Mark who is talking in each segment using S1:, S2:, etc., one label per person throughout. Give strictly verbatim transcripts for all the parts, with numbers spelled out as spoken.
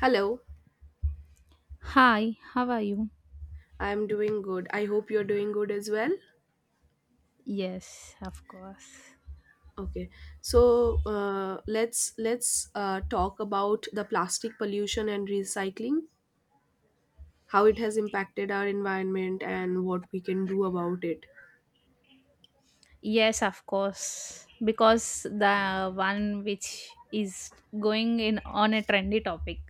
S1: Hello,
S2: Hi, how are you?
S1: I'm doing good. I hope you're doing good as well.
S2: Yes, of course.
S1: Okay, so uh, let's let's uh, talk about the plastic pollution and recycling, how it has impacted our environment and what we can do about it.
S2: Yes, of course. Because the one which is going in on a trendy topic.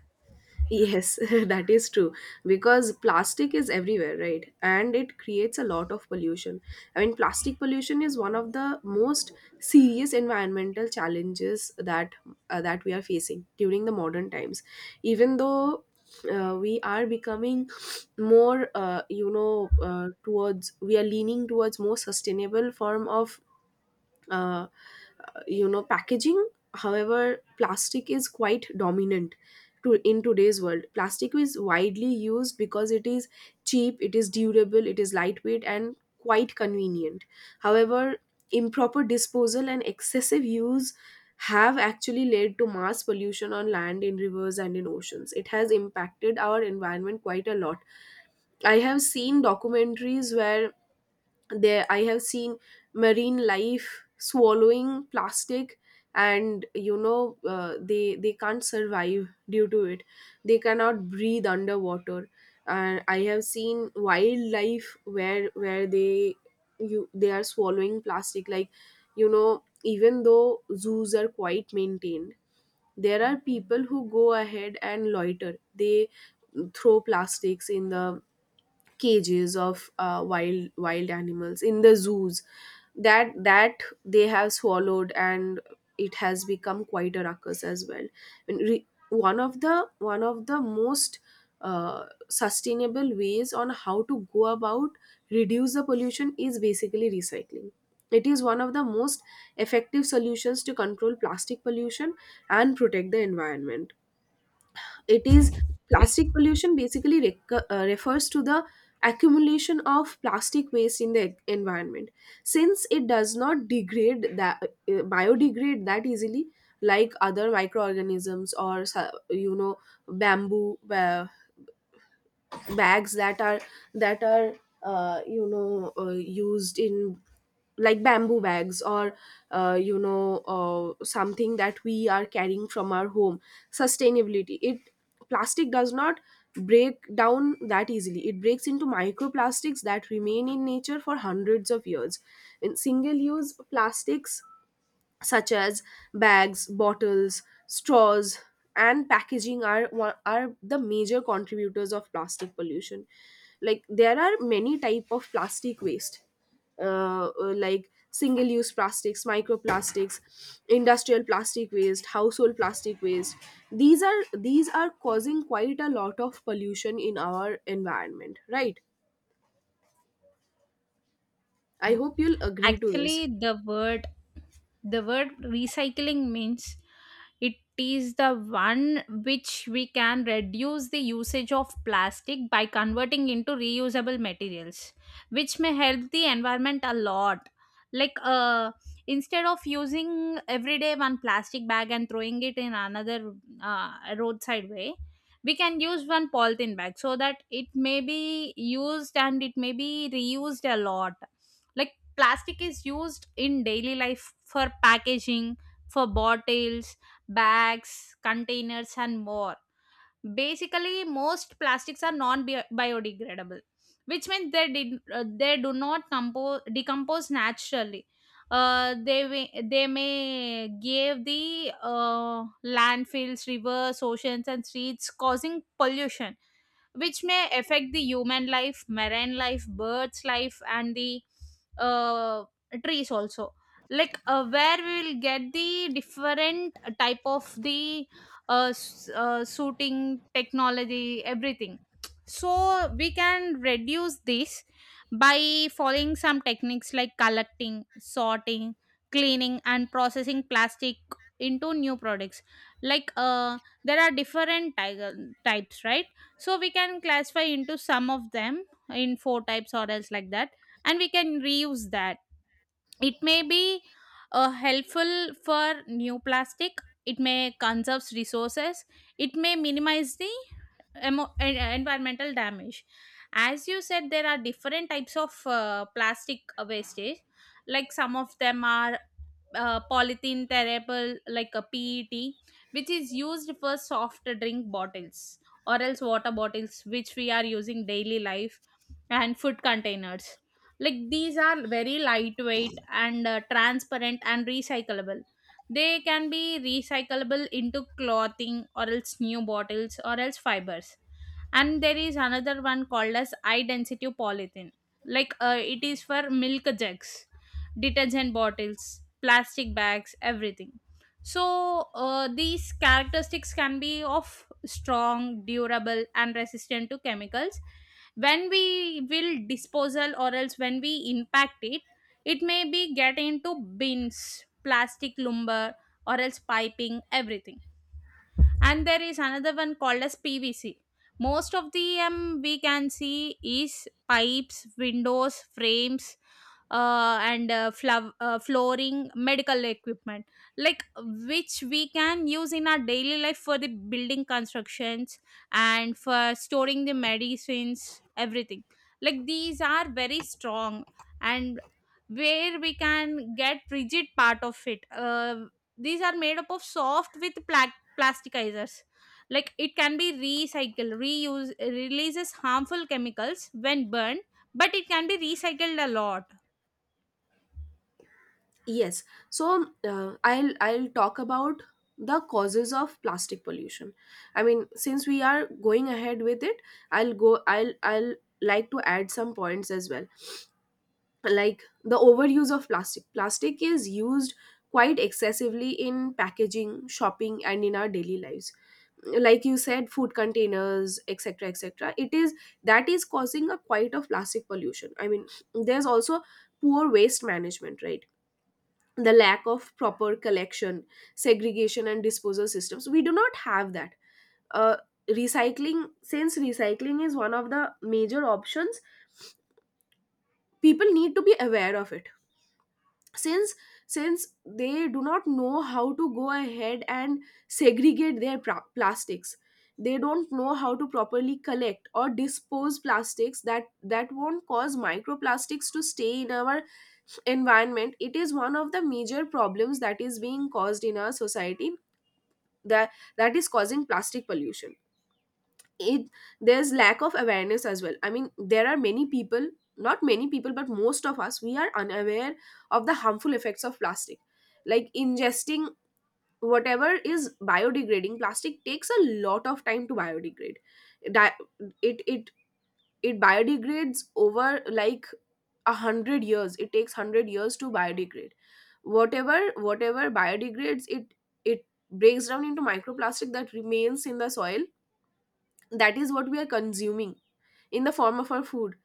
S1: Yes, that is true because plastic is everywhere, right? And it creates a lot of pollution. I mean, plastic pollution is one of the most serious environmental challenges that uh, that we are facing during the modern times. Even though uh, we are becoming more, uh, you know, uh, towards we are leaning towards more sustainable form of. Uh, you know Packaging, however, plastic is quite dominant to in today's world. Plastic is widely used because it is cheap, it is durable, it is lightweight and quite convenient. However, improper disposal and excessive use have actually led to mass pollution on land, in rivers and in oceans. It has impacted our environment quite a lot. I have seen documentaries where there I have seen marine life swallowing plastic, and you know uh, they they can't survive due to it. They cannot breathe underwater. And I have seen wildlife where where they, you they are swallowing plastic, like, you know, even though zoos are quite maintained, there are people who go ahead and loiter. They throw plastics in the cages of uh, wild wild animals in the zoos that that they have swallowed, and it has become quite a ruckus as well. And re- one of the one of the most uh, sustainable ways on how to go about reduce the pollution is basically recycling. It is one of the most effective solutions to control plastic pollution and protect the environment. It is Plastic pollution basically rec- uh, refers to the accumulation of plastic waste in the e-, environment. Since it does not degrade that uh, biodegrade that easily, like other microorganisms, or so- you know bamboo, uh, bags that are that are uh, you know uh, used in, like, bamboo bags, or uh, you know uh, something that we are carrying from our home. Sustainability, it plastic does not break down that easily. It breaks into microplastics that remain in nature for hundreds of years. In single use plastics such as bags, bottles, straws, and packaging are one- are the major contributors of plastic pollution. Like, there are many type of plastic waste, uh, uh, like single-use plastics, microplastics, industrial plastic waste, household plastic waste. These are these are causing quite a lot of pollution in our environment, right? I hope you'll agree to this.
S2: Actually, the word the word recycling means it is the one which we can reduce the usage of plastic by converting into reusable materials, which may help the environment a lot, like uh instead of using everyday one plastic bag and throwing it in another, uh, roadside way, we can use one polythene bag so that it may be used and it may be reused a lot. Like plastic is used in daily life for packaging, for bottles, bags, containers, and more. Basically, most plastics are non biodegradable, which means they, did, uh, they do not compose, decompose naturally. Uh, they may- they may give the uh, landfills, rivers, oceans, and streets, causing pollution, which may affect the human life, marine life, birds' life, and the uh, trees also. Like uh, where we will get the different type of the uh, s- uh, suiting technology, everything. So we can reduce this by following some techniques like collecting, sorting, cleaning, and processing plastic into new products. Like uh, there are different ty- types, right? So we can classify into some of them in four types or else like that, and we can reuse that. It may be uh, helpful for new plastic. It may conserves resources. It may minimize the emo- en- uh, environmental damage. As you said, there are different types of uh, plastic wastage. Like some of them are uh, polythene terrible like a pet, which is used for soft drink bottles or else water bottles which we are using daily life, and food containers. Like these are very lightweight and uh, transparent and recyclable. They can be recyclable into clothing or else new bottles or else fibers. And there is another one called as high density polythene. Like uh, it is for milk jugs, detergent bottles, plastic bags, everything. So uh, these characteristics can be of strong, durable, and resistant to chemicals. When we will disposal or else when we impact it, it may be get into bins, plastic lumber, or else piping, everything. And there is another one called as PVC. Most of the um, we can see is pipes, windows, frames, uh, and uh, flav- uh, flooring, medical equipment, like which we can use in our daily life for the building constructions and for storing the medicines, everything. Like these are very strong, and where we can get rigid part of it uh, These are made up of soft with plasticizers. Like it can be recycled, reuse, releases harmful chemicals when burned, but it can be recycled a lot.
S1: Yes. So uh, I'll I'll talk about the causes of plastic pollution. I mean, since we are going ahead with it, I'll go I'll I'll like to add some points as well. Like the overuse of plastic. Plastic is used quite excessively in packaging, shopping and in our daily lives. Like you said, food containers, et cetera, et cetera. It is That is causing a quite of plastic pollution. I mean, there's also poor waste management, right? The lack of proper collection, segregation, and disposal systems. We do not have that. Uh, Recycling, since recycling is one of the major options, people need to be aware of it. Since since they do not know how to go ahead and segregate their pra- plastics, they don't know how to properly collect or dispose plastics that that won't cause microplastics to stay in our environment. It is one of the major problems that is being caused in our society that that is causing plastic pollution. It There's lack of awareness as well. I mean, there are many people, not many people, but most of us, we are unaware of the harmful effects of plastic, like ingesting, whatever is biodegrading. Plastic takes a lot of time to biodegrade. Di- it it it biodegrades over, like, a hundred years. It takes hundred years to biodegrade. Whatever whatever biodegrades, it it breaks down into microplastic that remains in the soil. That is what we are consuming in the form of our food.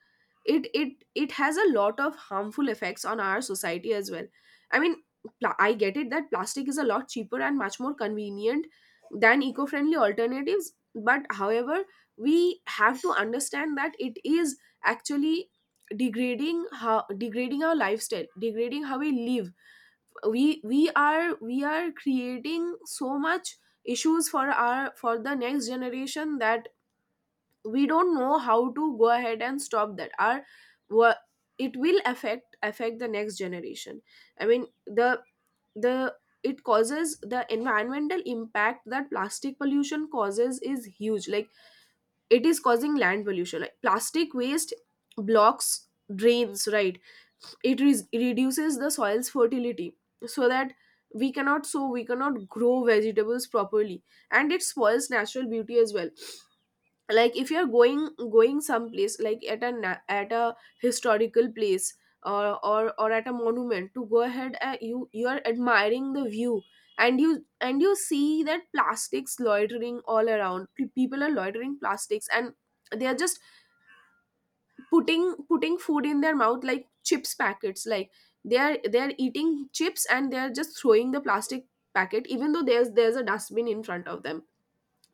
S1: It it it has a lot of harmful effects on our society as well. I mean, pla- I get it that plastic is a lot cheaper and much more convenient than eco-friendly alternatives, but however, we have to understand that it is actually degrading, how degrading our lifestyle, degrading how we live. We we are we are creating so much issues for our, for the next generation, that we don't know how to go ahead and stop that our wha- it will affect affect the next generation. I mean the the it causes, the environmental impact that plastic pollution causes is huge. Like, it is causing land pollution, like plastic waste blocks drains, right? It re- reduces the soil's fertility, so that we cannot sow, we cannot grow vegetables properly. And it spoils natural beauty as well. Like, if you're going going someplace, like at a na- at a historical place, or or or at a monument to go ahead, uh, you you are admiring the view, and you and you see that plastics loitering all around. Pe- people are loitering plastics and they are just putting putting food in their mouth, like chips packets. Like, they are they are eating chips, and they are just throwing the plastic packet, even though there's there's a dustbin in front of them.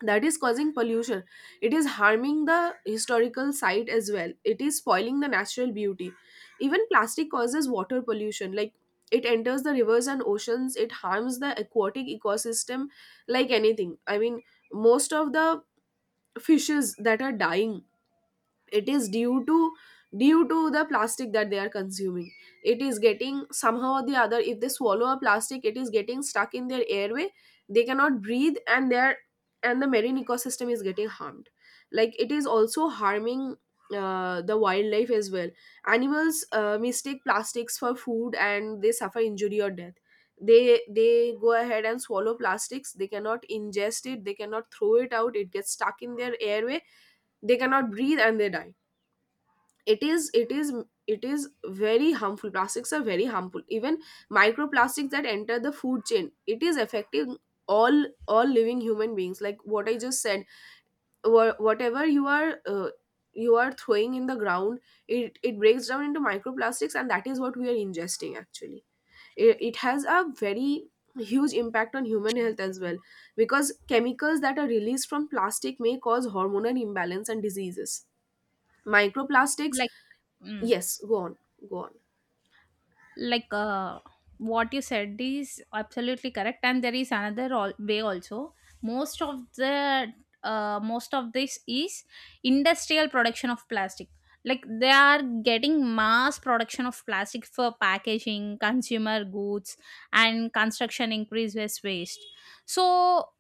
S1: That is causing pollution. It is harming the historical site as well. It is spoiling the natural beauty. Even plastic causes water pollution, like, it enters the rivers and oceans. It harms the aquatic ecosystem like anything. I mean, most of the fishes that are dying, it is due to, due to the plastic that they are consuming. It is getting, somehow or the other, if they swallow a plastic, it is getting stuck in their airway. They cannot breathe, and their and the marine ecosystem is getting harmed. Like, it is also harming uh, the wildlife as well. Animals uh, mistake plastics for food, and they suffer injury or death. They they go ahead and swallow plastics. They cannot ingest it, they cannot throw it out. It gets stuck in their airway. They cannot breathe and they die. It is it is it is very harmful. Plastics are very harmful. Even microplastics that enter the food chain, it is affecting all all living human beings. Like what I just said, wha- whatever you are uh, you are throwing in the ground, it it breaks down into microplastics, and that is what we are ingesting actually. It, it has a very huge impact on human health as well, because chemicals that are released from plastic may cause hormonal imbalance and diseases. Microplastics.
S2: Like mm.
S1: Yes, go on, go on.
S2: Like uh, what you said is absolutely correct, and there is another al- way also. Most of the uh, most of this is industrial production of plastic. Like they are getting mass production of plastic for packaging consumer goods and construction increases waste. So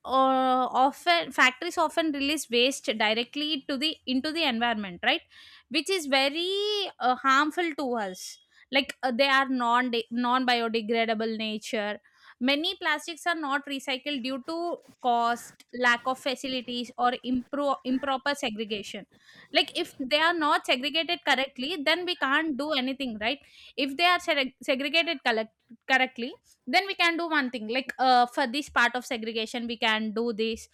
S2: uh, often factories often release waste directly to the into the environment, right? Which is very uh, harmful to us. Like uh, they are non non biodegradable nature. Many plastics are not recycled due to cost, lack of facilities, or impro- improper segregation. Like if they are not segregated correctly, then we can't do anything, right? If they are seg- segregated, collect- correctly, then we can do one thing. Like uh, for this part of segregation we can do this,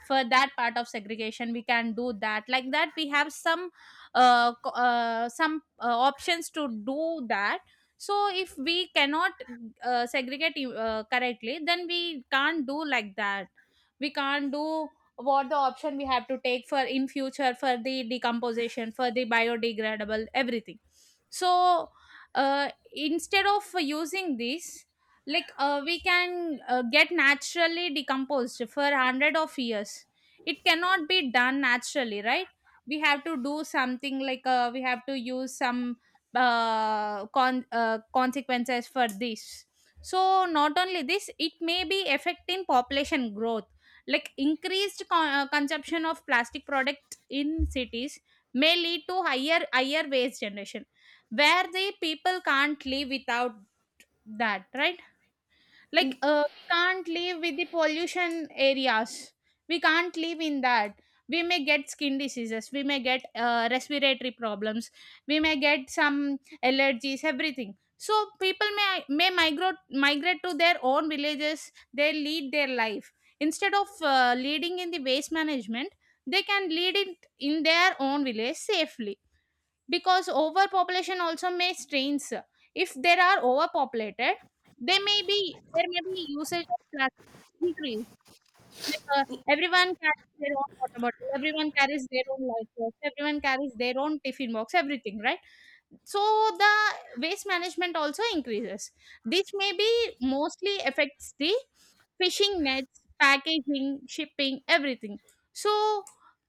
S2: for that part of segregation we can do that, like that we have some uh, co- uh, some uh, options to do that. So if we cannot uh, segregate uh, correctly, then we can't do like that. We can't do what the option we have to take for in future, for the decomposition, for the biodegradable, everything. So uh, instead of using this, like uh, we can uh, get naturally decomposed for hundred of years, it cannot be done naturally, right? We have to do something like uh, we have to use some uh, con- uh, consequences for this. So not only this, it may be affecting population growth. Like increased con- uh, consumption of plastic products in cities may lead to higher higher waste generation, where the people can't live without that, right? Like uh, we can't live with the pollution areas. We can't live in that. We may get skin diseases, we may get uh, respiratory problems, we may get some allergies, everything. So people may may migrate migrate to their own villages, they lead their life instead of uh, leading in the waste management, they can lead it in their own village safely. Because overpopulation also may strains, if there are overpopulated, they may be there may be usage of plastic increased. Like uh, everyone carries their own water bottle, everyone carries their own life box, everyone carries their own tiffin box, everything, right? So the waste management also increases. This maybe mostly affects the fishing nets, packaging, shipping, everything. So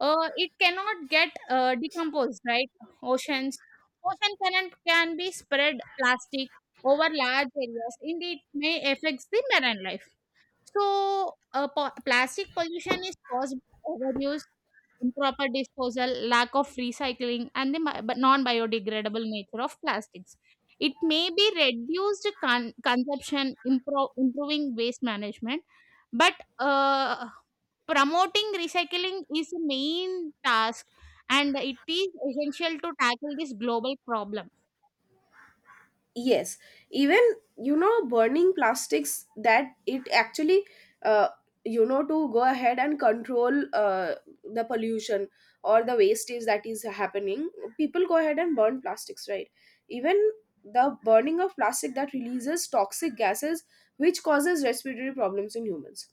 S2: uh, it cannot get uh, decomposed, right? Oceans, ocean current can be spread plastic over large areas, indeed it may affects the marine life. So, uh, po- plastic pollution is caused by overuse, improper disposal, lack of recycling, and the mi- but non-biodegradable nature of plastics. It may be reduced con- consumption, impro- improving waste management, but uh, promoting recycling is the main task, and it is essential to tackle this global problem.
S1: Yes, even, you know, burning plastics, that it actually, uh, you know to go ahead and control uh, the pollution or the wastage that is happening, people go ahead and burn plastics, right? Even the burning of plastic, that releases toxic gases which causes respiratory problems in humans.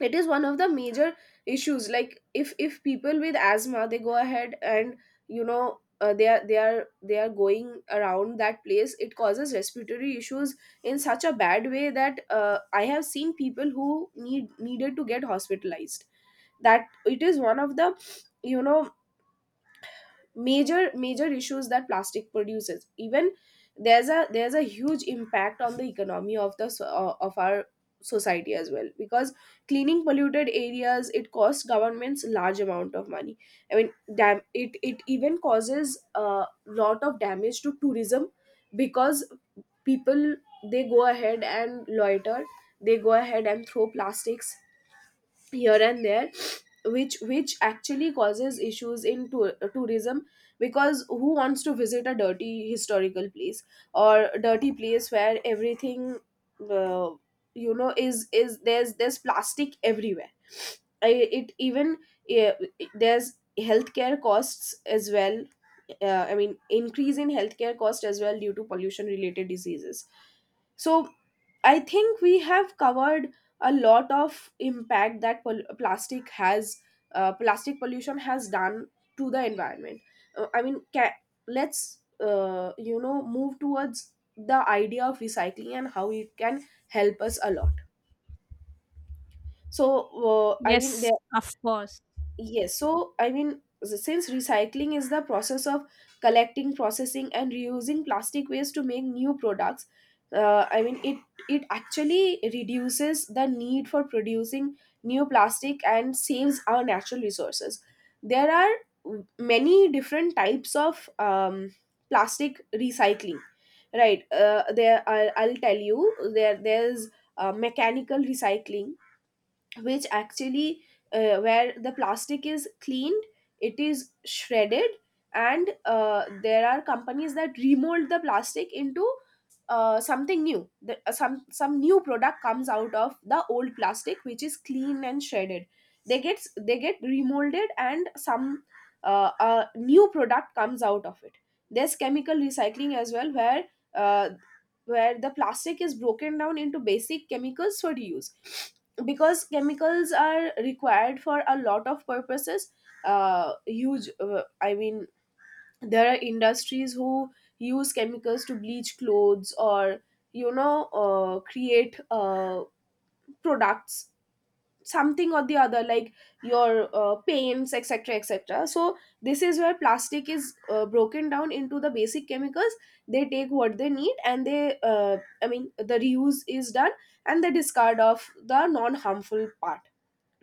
S1: It is one of the major issues. Like, if if people with asthma, they go ahead and, you know, uh, they are they are they are going around that place, it causes respiratory issues in such a bad way that, uh, I have seen people who need needed to get hospitalized. That it is one of the, you know, major major issues that plastic produces. Even there's a there's a huge impact on the economy of the so- uh, of our society as well, because cleaning polluted areas, it costs governments large amount of money. I mean, dam- it it even causes a lot of damage to tourism, because people, they go ahead and loiter, they go ahead and throw plastics here and there, which which actually causes issues in tour, tourism. Because who wants to visit a dirty historical place or dirty place where everything, uh, you know is, is there's there's plastic everywhere. I, it even, eh, there's healthcare costs as well. uh, I mean, increase in healthcare cost as well due to pollution related diseases. So, I think we have covered a lot of impact that pol- plastic has, uh, plastic pollution has done to the environment. Uh, I mean, ca- let's, uh, you know move towards the idea of recycling and how it can help us a lot. So, uh, I mean, there.
S2: Yes, of course.
S1: Yes, so I mean, s- since recycling is the process of collecting, processing, and reusing plastic waste to make new products, uh, I mean, it it actually reduces the need for producing new plastic and saves our natural resources. There are w- many different types of um, plastic recycling, right? Uh, there, I I'll tell you. There, there's uh, mechanical recycling, which actually uh, where the plastic is cleaned, it is shredded, and uh, there are companies that remold the plastic into uh, something new. The, uh, some some new product comes out of the old plastic, which is clean and shredded. They get they get remolded, and some uh, uh, new product comes out of it. There's chemical recycling as well, where uh, where the plastic is broken down into basic chemicals for reuse, because chemicals are required for a lot of purposes. Uh huge uh, I mean, there are industries who use chemicals to bleach clothes, or you know uh, create uh, products, something or the other, like your uh, paints, etc., etc. So this is where plastic is uh, broken down into the basic chemicals. They take what they need, and they uh, I mean, the reuse is done, and the discard of the non harmful part,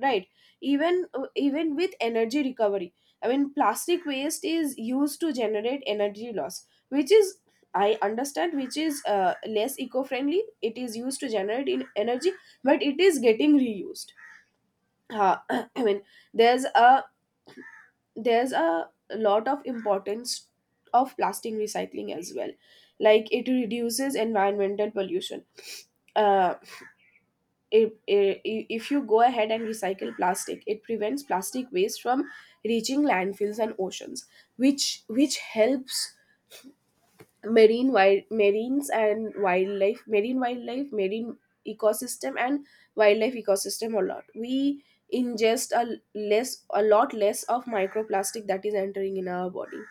S1: right? Even uh, even with energy recovery, I mean, plastic waste is used to generate energy loss, which is i understand which is uh, less eco-friendly. It is used to generate in energy, but it is getting reused. uh, i mean there's a there's a lot of importance of plastic recycling as well, like it reduces environmental pollution. Uh, if, if you go ahead and recycle plastic, it prevents plastic waste from reaching landfills and oceans, which which helps marine wild marines and wildlife marine wildlife marine ecosystem and wildlife ecosystem a lot. We ingest a less a lot less of microplastic that is entering in our body.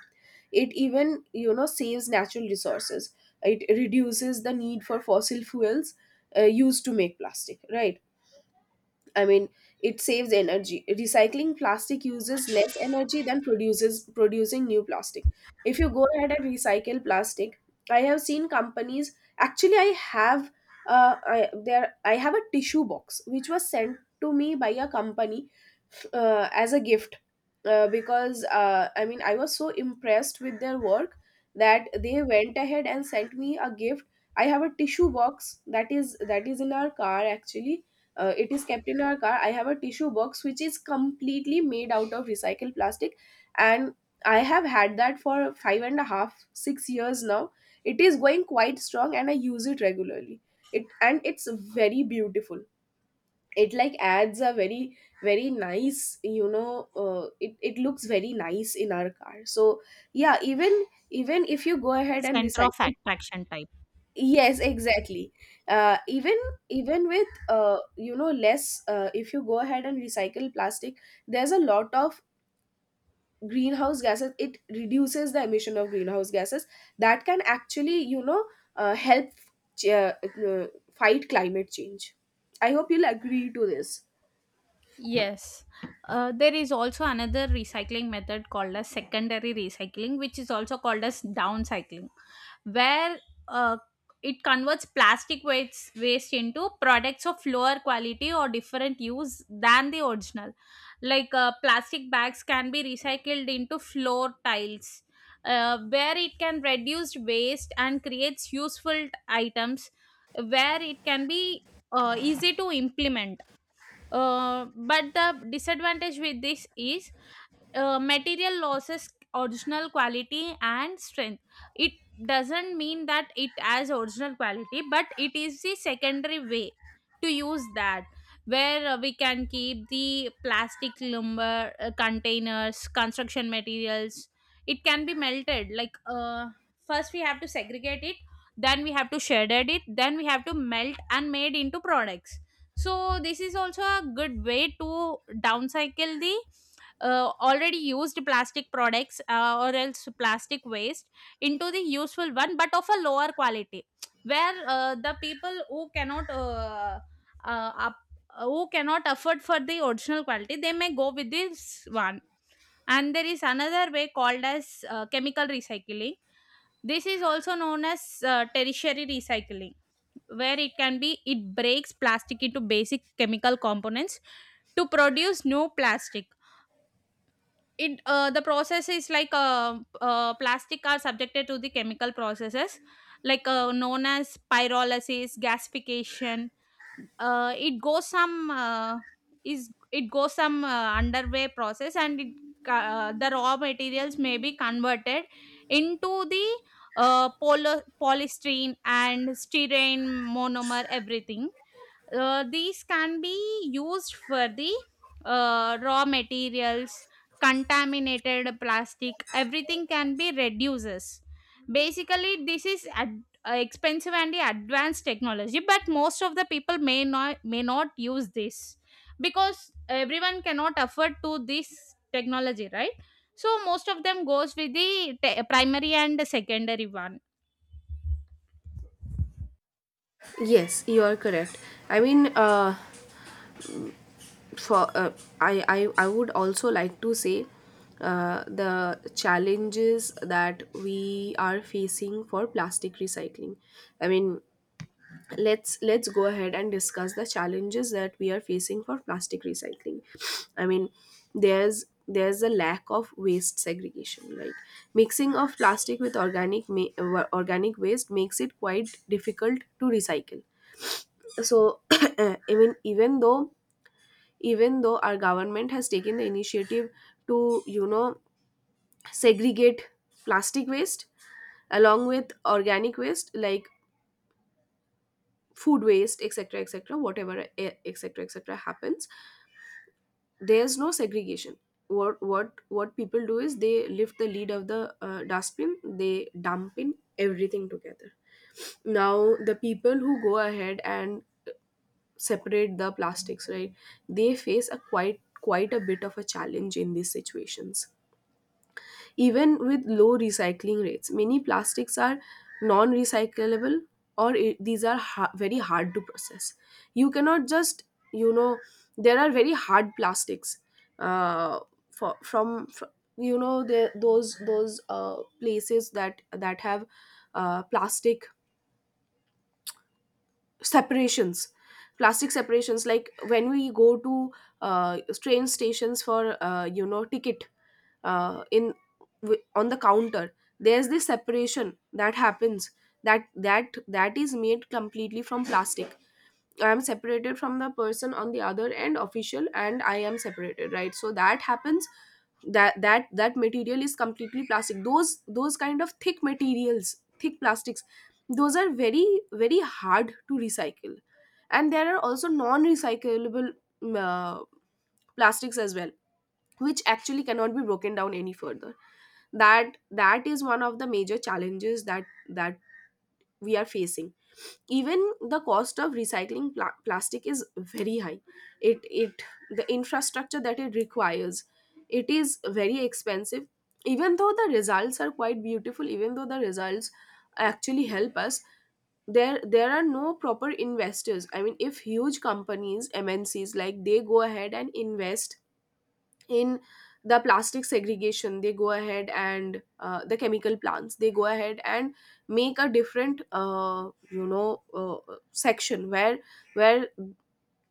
S1: It even you know saves natural resources. It reduces the need for fossil fuels uh, used to make plastic, right? I mean, it saves energy. Recycling plastic uses less energy than produces producing new plastic. If you go ahead and recycle plastic, I have seen companies. Actually, I have uh, I, there. I have a tissue box which was sent to me by a company uh, as a gift, uh, because uh, I mean, I was so impressed with their work that they went ahead and sent me a gift. I have a tissue box that is that is in our car, actually. Uh, it is kept in our car. I have a tissue box which is completely made out of recycled plastic, and I have had that for five and a half, six years now. It is going quite strong and I use it regularly. It and it's very beautiful. It like adds a very, very nice, you know uh, it, it looks very nice in our car. So yeah, even even if you go ahead and
S2: Center of
S1: recycle.
S2: attraction type.
S1: Yes, exactly. Uh, even even with uh, you know less, uh, if you go ahead and recycle plastic, there's a lot of greenhouse gases. It reduces the emission of greenhouse gases that can actually you know uh, help ch- uh, uh, fight climate change. I hope you'll agree to this.
S2: Yes. Uh, there is also another recycling method called as secondary recycling, which is also called as downcycling, where uh, it converts plastic waste, waste into products of lower quality or different use than the original. Like uh, plastic bags can be recycled into floor tiles, uh, where it can reduce waste and creates useful items, where it can be uh, easy to implement, uh, but the disadvantage with this is uh, material losses original quality and strength. It doesn't mean that it has original quality, but it is the secondary way to use that, where uh, we can keep the plastic lumber, uh, containers, construction materials. It can be melted, like uh, first we have to segregate it, then we have to shredded it, then we have to melt and made into products. So this is also a good way to downcycle the uh, already used plastic products, uh, or else plastic waste, into the useful one, but of a lower quality, where uh, the people who cannot uh, uh, up, who cannot afford for the original quality, they may go with this one. And there is another way called as uh, chemical recycling. This is also known as uh, tertiary recycling, where it can be it breaks plastic into basic chemical components to produce new plastic. It uh, The process is like uh, uh, plastic are subjected to the chemical processes, like uh, known as pyrolysis, gasification. Uh, it goes some uh, is it goes some uh, underway process, and it, uh, the raw materials may be converted into the uh, poly- polystyrene and styrene monomer, everything. Uh, these can be used for the uh, raw materials, contaminated plastic, everything can be reduces. Basically, this is ad- uh, expensive and the advanced technology, but most of the people may not may not use this, because everyone cannot afford to this technology, right? So most of them goes with the te- primary and secondary one
S1: Yes, you are correct. I mean, uh, for uh, I, I I would also like to say uh, the challenges that we are facing for plastic recycling. I mean, let's let's go ahead and discuss the challenges that we are facing for plastic recycling. I mean, there's there's a lack of waste segregation, right? Mixing of plastic with organic ma- uh, organic waste makes it quite difficult to recycle. So I mean, even though even though our government has taken the initiative to you know segregate plastic waste along with organic waste, like food waste, etc., etc., whatever eh, etc., etc. happens, there's no segregation. What what what people do is they lift the lid of the uh, dustbin, they dump in everything together. Now the people who go ahead and separate the plastics, right, they face a quite quite a bit of a challenge in these situations. Even with low recycling rates, many plastics are non recyclable or i- these are ha- very hard to process. You cannot just, you know, there are very hard plastics. Uh, for, from, fr you know the, those those uh, Places that that have uh, plastic separations, plastic separations, like when we go to uh, train stations for uh, you know ticket, uh, in w- on the counter, there's this separation that happens, that that that is made completely from plastic. I am separated from the person on the other end, official, and I am separated, right? So that happens. That that that material is completely plastic. Those those kind of thick materials, thick plastics, those are very, very hard to recycle, and there are also non-recyclable mm, uh, plastics as well, which actually cannot be broken down any further. That that is one of the major challenges that that we are facing. Even the cost of recycling pla- plastic is very high. it it The infrastructure that it requires, it is very expensive, even though the results are quite beautiful, even though the results actually help us. There there are no proper investors. I mean, if huge companies, M N Cs, like, they go ahead and invest in the plastic segregation, they go ahead and uh, the chemical plants, they go ahead and make a different uh, you know uh, section where where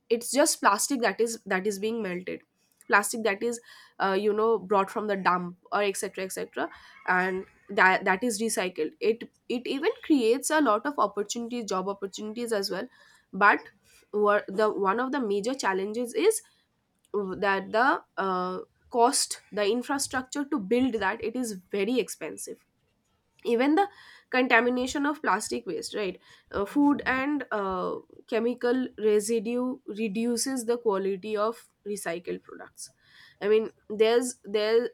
S1: it's just plastic that is that is being melted, plastic that is uh, you know brought from the dump or etc., etc., and that that is recycled. it it even creates a lot of opportunities, job opportunities as well. But what the one of the major challenges is that the uh, cost, the infrastructure to build that, it is very expensive. Even the contamination of plastic waste, right? Uh, food and uh, chemical residue reduces the quality of recycled products. I mean, there's there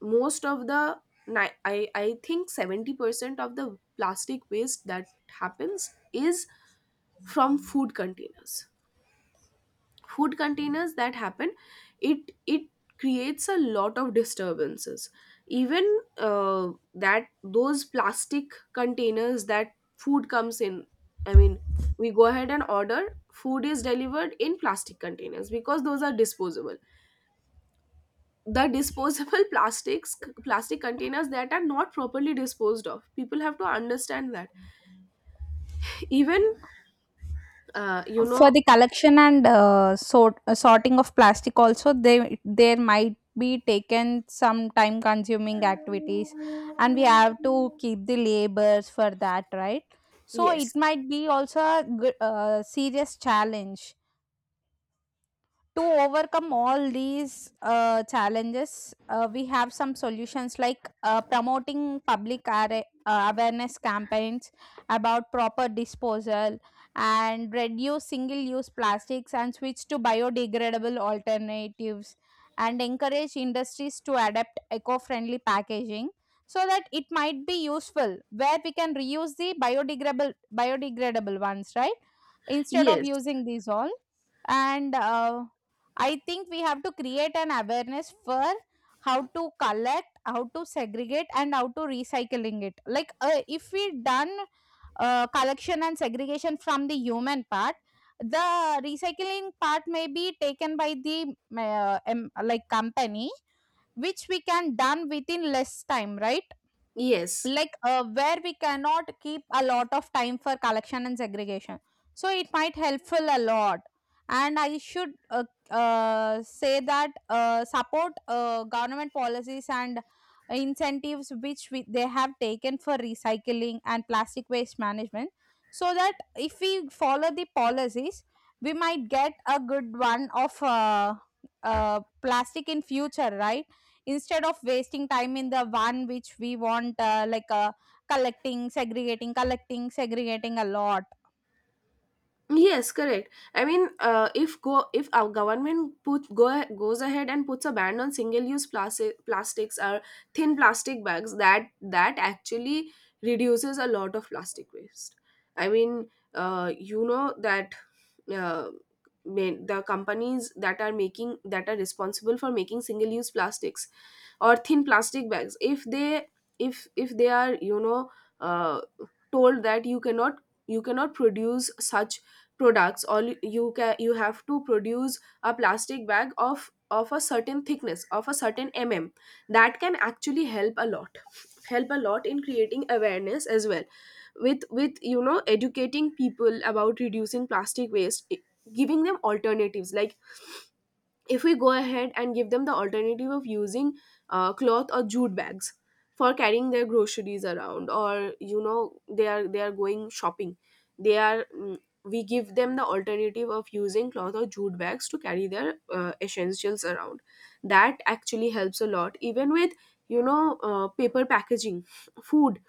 S1: most of the ni- I I think seventy percent of the plastic waste that happens is from food containers, food containers that happen. it it creates a lot of disturbances. Even uh, that those plastic containers that food comes in, I mean, we go ahead and order, food is delivered in plastic containers because those are disposable. The disposable plastics plastic containers that are not properly disposed of, people have to understand that. Even uh, you
S2: for
S1: know
S2: the might be in place that, right? So it
S1: yes,
S2: might be also a good, uh, sh- too overcome all these uh, challenges, uh, we have some solutions like uh, promoting public are- uh, awareness campaigns about proper disposal, and reduce single use plastics, and switch to biodegradable alternatives, and encourage industries to adapt eco friendly packaging, so that it might be useful, where we can reuse the biodegradable biodegradable ones, right? Instead of
S1: yes,
S2: using these all. And uh, I think we have to create an awareness for how to collect, how to segregate, and how to recycling it. Like uh, if we done uh, collection and segregation from the human part, the recycling part may be taken by the uh, em- like company, which we can done within less time, right?
S1: yes.
S2: Like uh, where we cannot keep a lot of time for collection and segregation, so it might helpful a lot. And I should uh, uh, say that uh, support uh, government policies and incentives which we, they have taken for recycling and plastic waste management, so that if we follow the policies we might get a good one of uh, uh, plastic in future, right? Instead of wasting time in the one which we want, uh, like uh, collecting, segregating, collecting, segregating a lot.
S1: Yes, correct. I mean, uh, if go if our government put go goes ahead and puts a ban on single-use plastic plastics or thin plastic bags, that that actually reduces a lot of plastic waste. I mean, uh, you know that uh, ma- the companies that are making, that are responsible for making single-use plastics or thin plastic bags, if they if if they are, you know uh, told that you cannot you cannot produce such products, or you can you have to produce a plastic bag of of a certain thickness, of a certain mm that can actually help a lot, help a lot in creating awareness as well, with with you know educating people about reducing plastic waste, i- giving them alternatives, like if we go ahead and give them the alternative of using uh, cloth or jute bags for carrying their groceries around, or you know they are they are going shopping, they are mm, we give them the alternative of using cloth or jute bags to carry their uh, essentials around. That actually helps a lot, even with you know uh, paper packaging, food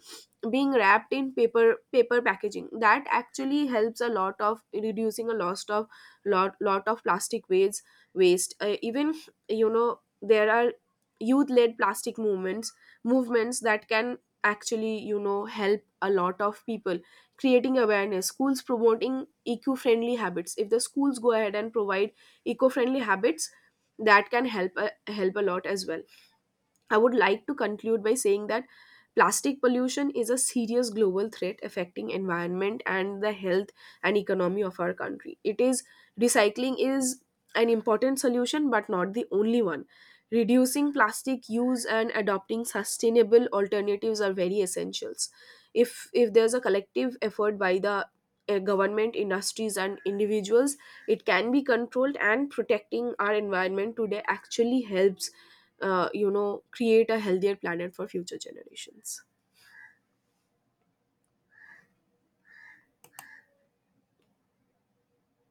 S1: being wrapped in paper paper packaging. That actually helps a lot of reducing a lot of, lot lot of plastic waste waste. Uh, even, you know there are youth led plastic movements movements that can actually you know help a lot of people, creating awareness, schools promoting eco-friendly habits. If the schools go ahead and provide eco-friendly habits, that can help a, help a lot as well. I would like to conclude by saying that plastic pollution is a serious global threat affecting environment and the health and economy of our country. It is Recycling is an important solution, but not the only one. Reducing plastic use and adopting sustainable alternatives are very essentials. If if there's a collective effort by the uh, government, industries, and individuals, it can be controlled, and protecting our environment today actually helps uh, you know create a healthier planet for future generations.